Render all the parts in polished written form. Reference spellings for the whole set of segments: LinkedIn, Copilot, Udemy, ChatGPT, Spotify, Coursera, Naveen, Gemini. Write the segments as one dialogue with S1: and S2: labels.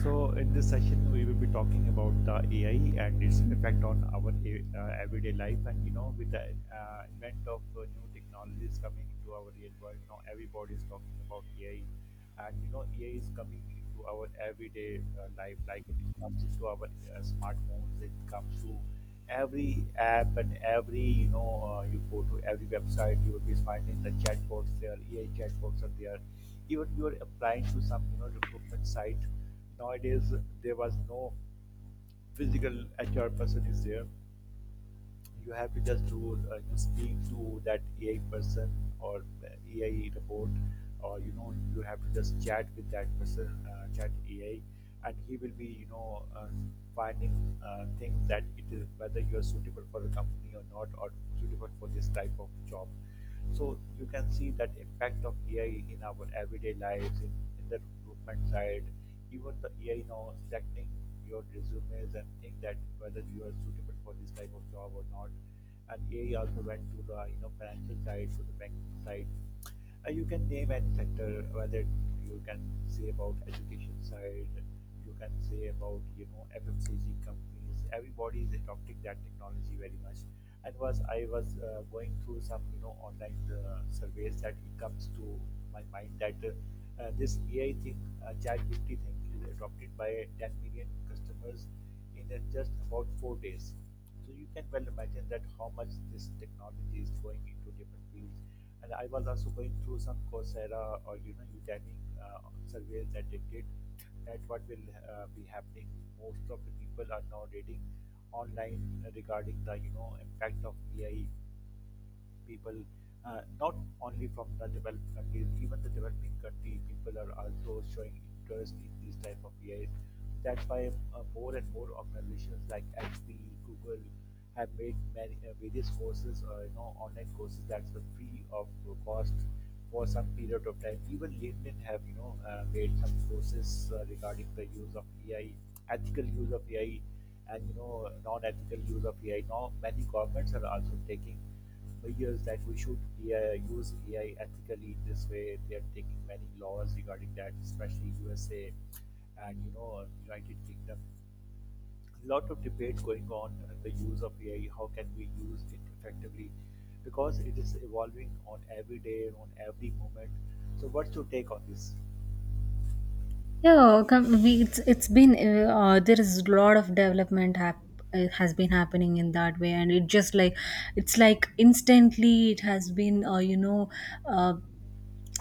S1: So, in this session, we will be talking about the AI and its effect on our everyday life. And with the advent of new technologies coming into our real world, now everybody is talking about AI. And AI is coming into our everyday life. Like it comes into our smartphones, it comes to every app and every you go to every website, you will be finding the chatbots there. AI chatbots are there even you are applying to some recruitment site. Nowadays, there was no physical HR person is there. You have to just do you speak to that AI person or AI report, or you have to just chat with that person, chat AI, and he will be finding things that it is whether you are suitable for the company or not, or suitable for this type of job. So you can see that impact of AI in our everyday lives, in the recruitment side, even the AI now selecting your resumes and think that whether you are suitable for this type of job or not. And AI also went to the financial side, to the banking side. You can name any sector whether you can say about education side, you can say about ffcg companies. Everybody is adopting that technology very much, and was I was going through some online surveys that it comes to my mind that this AI thing, chat GPT thing is adopted by 10 million customers in just about 4 days. So you can well imagine that how much this technology is going into different fields. And I was also going through some Coursera or Udemy surveys that they did. That what will be happening. Most of the people are now reading online regarding the impact of AI people, not only from the developed countries, even the developing country people are also showing interest in these type of AI. That's why more and more organizations like HP, Google have made many, various courses, online courses that's the free of cost for some period of time. Even LinkedIn have made some courses regarding the use of AI, ethical use of AI, and non-ethical use of AI. Now many governments are also taking Years that we should AI, use AI ethically in this way. They are taking many laws regarding that, especially USA and United Kingdom. A lot of debate going on the use of AI. How can we use it effectively? Because it is evolving on every day, on every moment. So, what's your take on this?
S2: It's been there is a lot of development has been happening in that way, and it's like instantly it has been uh,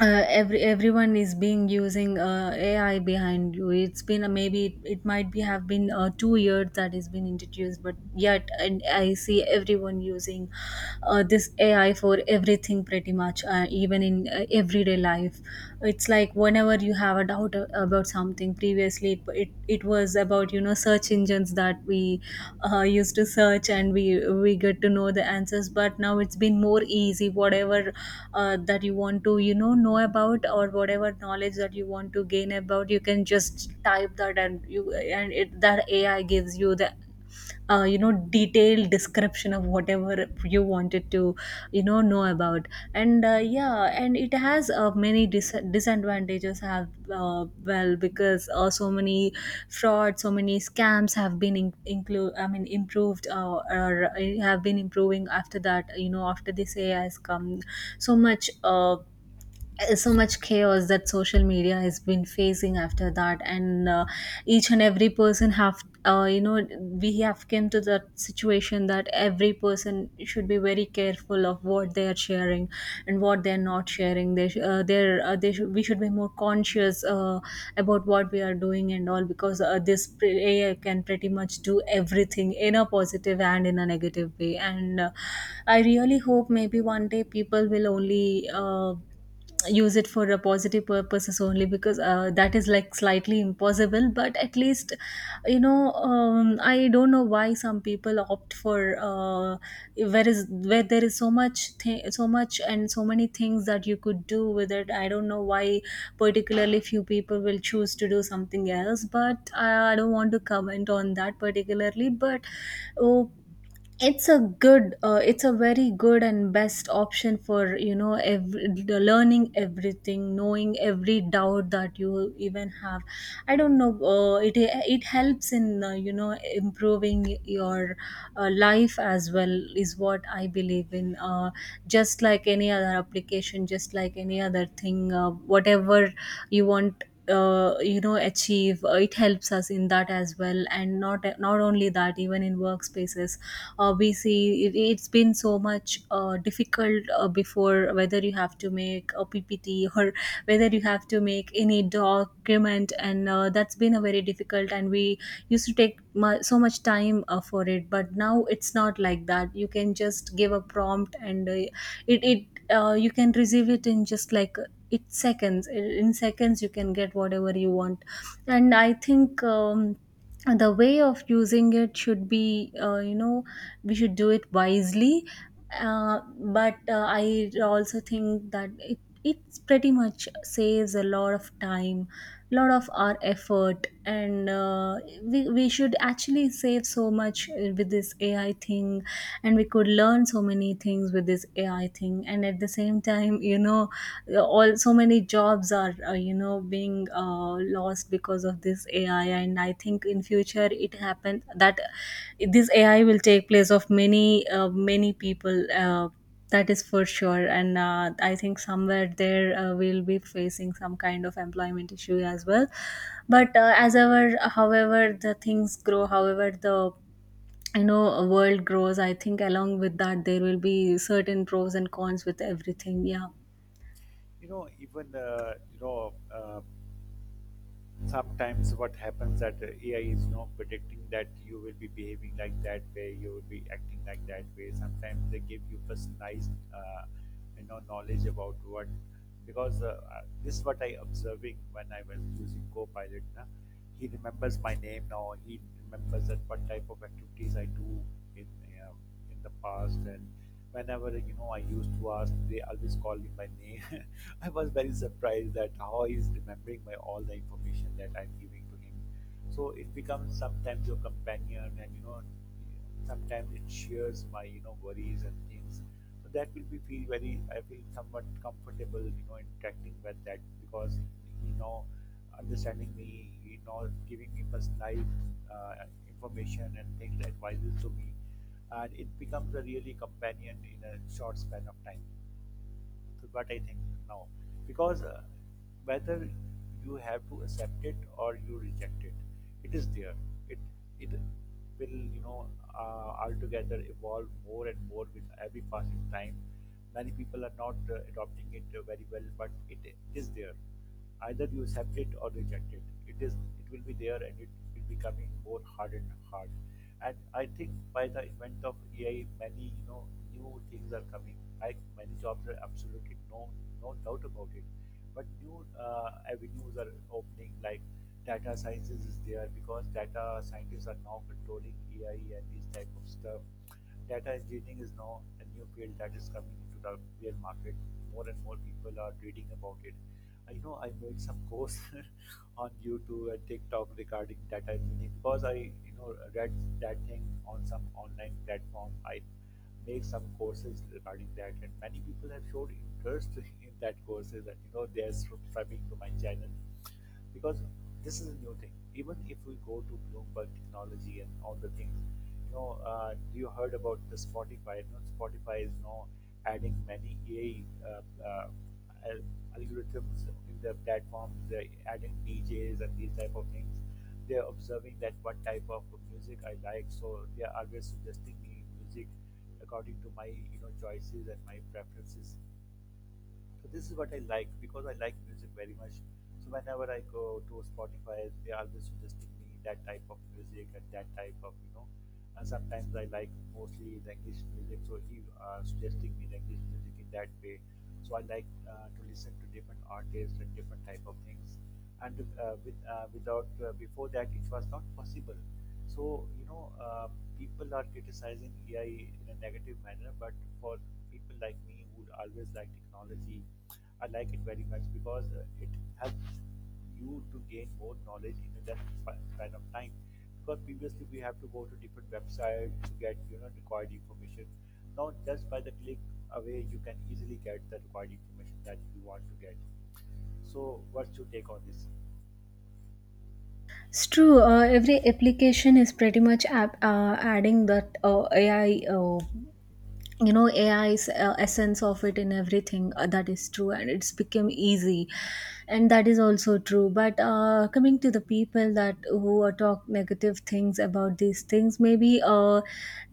S2: everyone is being using AI behind you. It's been maybe it might be have been 2 years that has been introduced, but yet and I see everyone using this AI for everything pretty much, even in everyday life. It's like whenever you have a doubt about something previously it was about search engines that we used to search and we get to know the answers, but now it's been more easy whatever that you want to know about, or whatever knowledge that you want to gain about, you can just type that and that AI gives you the detailed description of whatever you wanted to know about. And yeah, and it has many disadvantages have well, because so many fraud, so many scams have been in- include I mean improved or have been improving after that, after this AI has come. So much so much chaos that social media has been facing after that. And each and every person have we have came to that situation that every person should be very careful of what they are sharing and what they are not sharing. They sh- they're, they should We should be more conscious about what we are doing and all, because AI can pretty much do everything in a positive and in a negative way. And I really hope maybe one day people will only use it for a positive purposes only, because that is like slightly impossible, but at least I don't know why some people opt for where there is so much so much and so many things that you could do with it. I don't know why particularly few people will choose to do something else, but I don't want to comment on that particularly. But oh, it's a good it's a very good and best option for the learning everything, knowing every doubt that you even have. I don't know, it it helps in improving your life as well, is what I believe in. Just like any other application, just like any other thing, whatever you want achieve, it helps us in that as well. And not only that, even in workspaces we see it, it's been so much difficult before, whether you have to make a PPT or whether you have to make any document. And that's been a very difficult, and we used to take so much time for it. But now it's not like that, you can just give a prompt and it, it you can receive it in just like it's seconds in seconds you can get whatever you want. And I think the way of using it should be we should do it wisely. uh, but I also think that it's pretty much saves a lot of time, lot of our effort. And we should actually save so much with this AI thing, and we could learn so many things with this AI thing. And at the same time, all so many jobs are being lost because of this AI. And I think in future it happened that this AI will take place of many many people. That is for sure. And I think somewhere there we'll be facing some kind of employment issue as well. But as ever, however the things grow, however the you know world grows, I think along with that there will be certain pros and cons with everything. Yeah.
S1: Even sometimes what happens that AI is not predicting that you will be behaving like that way, you will be acting like that way. Sometimes they give you personalized, knowledge about what. Because this is what I observing when I was using Copilot. Na? He remembers my name now. He remembers that what type of activities I do in uh, in the past and. Whenever I used to ask, they always call me by name. I was very surprised that how he's remembering my all the information that I'm giving to him. So it becomes sometimes your companion, and sometimes it shares my worries and things. So that will be feel very. I feel somewhat comfortable, interacting with that because he know, understanding me, he know, giving me personalized uh, information and things advices to me, and it becomes a really companion in a short span of time what I think now, because whether you have to accept it or you reject it, it is there. It it will altogether evolve more and more with every passing time. Many people are not adopting it very well, but it is there. Either you accept it or reject It is it will be there, and it will be coming more hard and hard. And I think by the advent of AI, many new things are coming. Like many jobs are absolutely, no doubt about it, but new avenues are opening. Like data sciences is there because data scientists are now controlling AI and these type of stuff. Data engineering is now a new field that is coming into the real market. More and more people are reading about it. I know I made some course on YouTube and TikTok regarding data engineering because I, read that thing on some online platform. I make some courses regarding that, and many people have showed interest in that courses, and they're subscribing to my channel because this is a new thing. Even if we go to Bloomberg technology and all the things, you heard about the Spotify. Spotify is now adding many AI algorithms in their platforms. They're adding DJs and these type of things. They're observing that what type of music I like, so they are always suggesting me music according to my choices and my preferences. So this is what I like because I like music very much. So whenever I go to Spotify, they are always suggesting me that type of music and that type of, you know. And sometimes I like mostly the English music, so he suggesting me the English music in that way. So I like to listen to different artists and different type of things, and with, without before that it was not possible. So people are criticizing AI in a negative manner, but for people like me who always like technology, I like it very much because it helps you to gain more knowledge in a less span of time, because previously we have to go to different websites to get required information. Now just by the click away, you can easily get the required information that you want to get. So what's your take on this?
S2: It's true. Every application is pretty much adding that AI, AI's essence of it in everything. That is true, and it's become easy, and that is also true. But coming to the people that who are talk negative things about these things, maybe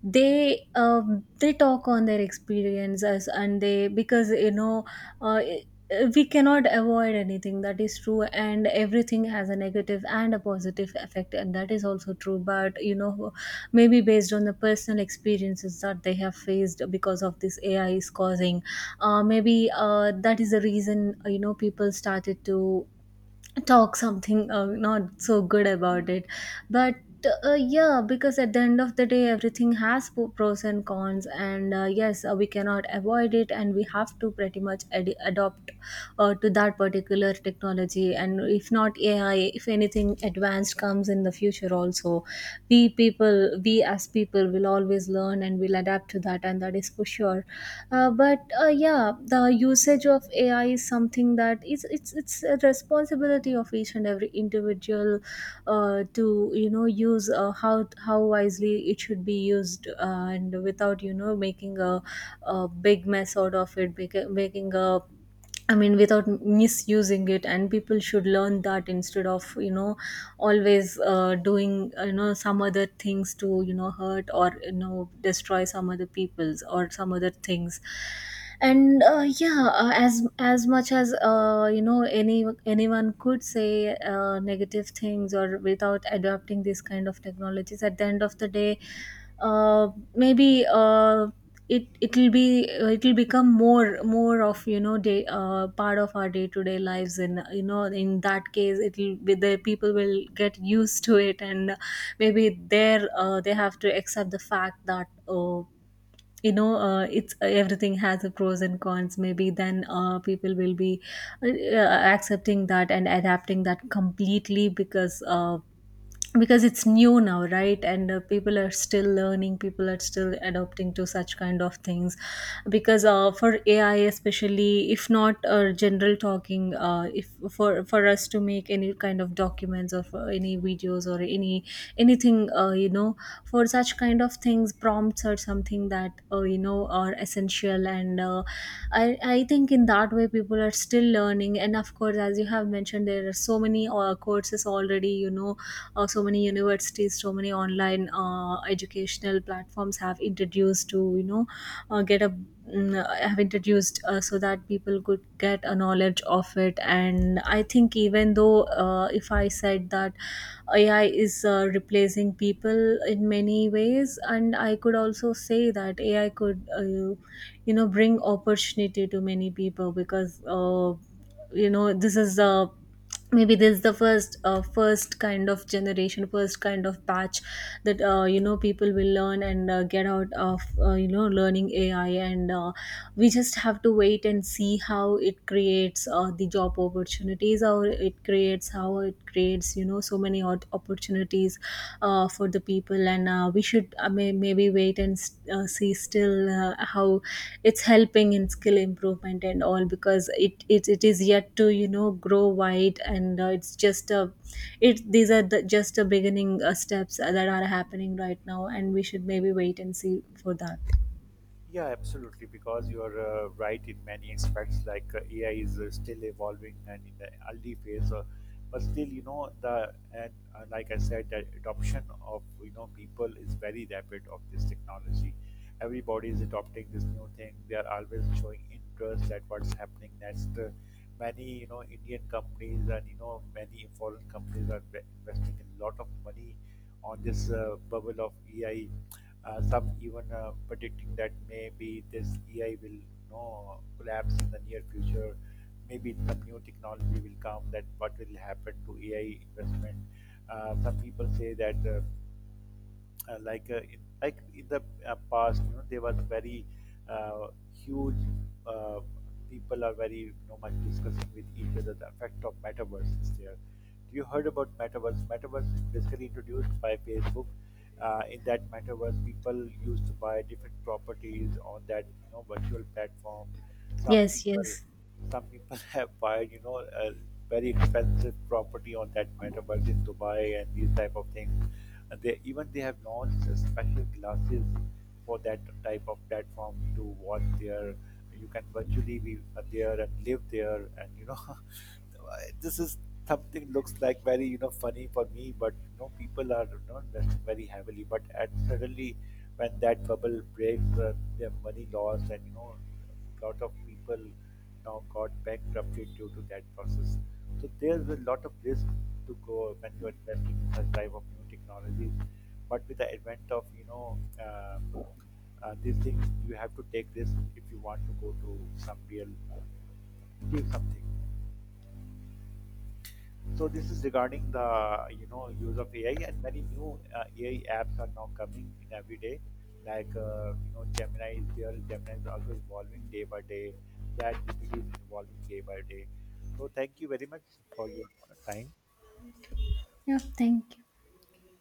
S2: they talk on their experiences. And they, because uh, we cannot avoid anything, that is true, and everything has a negative and a positive effect, and that is also true. But maybe based on the personal experiences that they have faced because of this AI is causing maybe that is the reason people started to talk something not so good about it. But yeah, because at the end of the day everything has pros and cons. And yes, we cannot avoid it, and we have to pretty much adopt to that particular technology. And if not AI, if anything advanced comes in the future also, we as people will always learn and will adapt to that, and that is for sure. But yeah, the usage of AI is something that is it's a responsibility of each and every individual to use how wisely it should be used, and without making a big mess out of it, bec- making a I mean, without misusing it. And people should learn that, instead of always doing some other things to hurt or destroy some other people's or some other things. And yeah, as much as anyone could say negative things or without adopting these kind of technologies, at the end of the day, uh, maybe it'll be it'll become more, more of you know day part of our day to day lives. And in that case it'll be the people will get used to it. And maybe they have to accept the fact that, oh, it's everything has a pros and cons. Maybe then people will be accepting that and adapting that completely. Because because it's new now, right? And people are still learning, people are still adopting to such kind of things. Because for AI, especially, if not general talking, if for for us to make any kind of documents or for any videos or any anything, for such kind of things prompts are something that are essential. And I think in that way people are still learning. And of course, as you have mentioned, there are so many courses already, so many universities, so many online educational platforms have introduced to have introduced so that people could get a knowledge of it. And I think even though if I said that AI is replacing people in many ways, and I could also say that AI could bring opportunity to many people. Because this is the, maybe this is the first first kind of generation, first kind of batch that people will learn and get out of learning AI. And we just have to wait and see how it creates the job opportunities, or it creates how it creates so many opportunities for the people. And we should maybe wait and see still how it's helping in skill improvement and all. Because it is yet to grow wide. And it's just a, it these are the, just the beginning steps that are happening right now, and we should maybe wait and see for that.
S1: Yeah, absolutely. Because you are right in many aspects. Like AI is still evolving and in the early phase. But still, you know, the and like I said, the adoption of people is very rapid of this technology. Everybody is adopting this new thing. They are always showing interest at what's happening next. Many Indian companies and many foreign companies are investing a lot of money on this bubble of AI. Some even predicting that maybe this AI will know, collapse in the near future. Maybe some new technology will come. That what will happen to AI investment? Some people say that like like in the past, there was very uh, huge, uh, people are very much discussing with each other the effect of metaverse is there. You heard about metaverse. Metaverse is basically introduced by Facebook. In that metaverse, people used to buy different properties on that virtual platform. some
S2: Yes,
S1: people
S2: yes.
S1: some people have bought a very expensive property on that metaverse in Dubai and these type of things. And they even they have launched special glasses for that type of platform to watch there. You can virtually be there and live there, and this is something looks like very funny for me, but people are investing very heavily. But at suddenly when that bubble breaks, their money lost, and a lot of people now got bankrupted due to that process. So there's a lot of risk to go when you're investing in such type of new technologies. But with the advent of um these things, you have to take this if you want to go to some real achieve something. So this is regarding the use of AI and many new AI apps are now coming in every day. Like Gemini is there. Gemini is also evolving day by day. ChatGPT is evolving day by day. So thank you very much for your time.
S2: Yeah, thank you.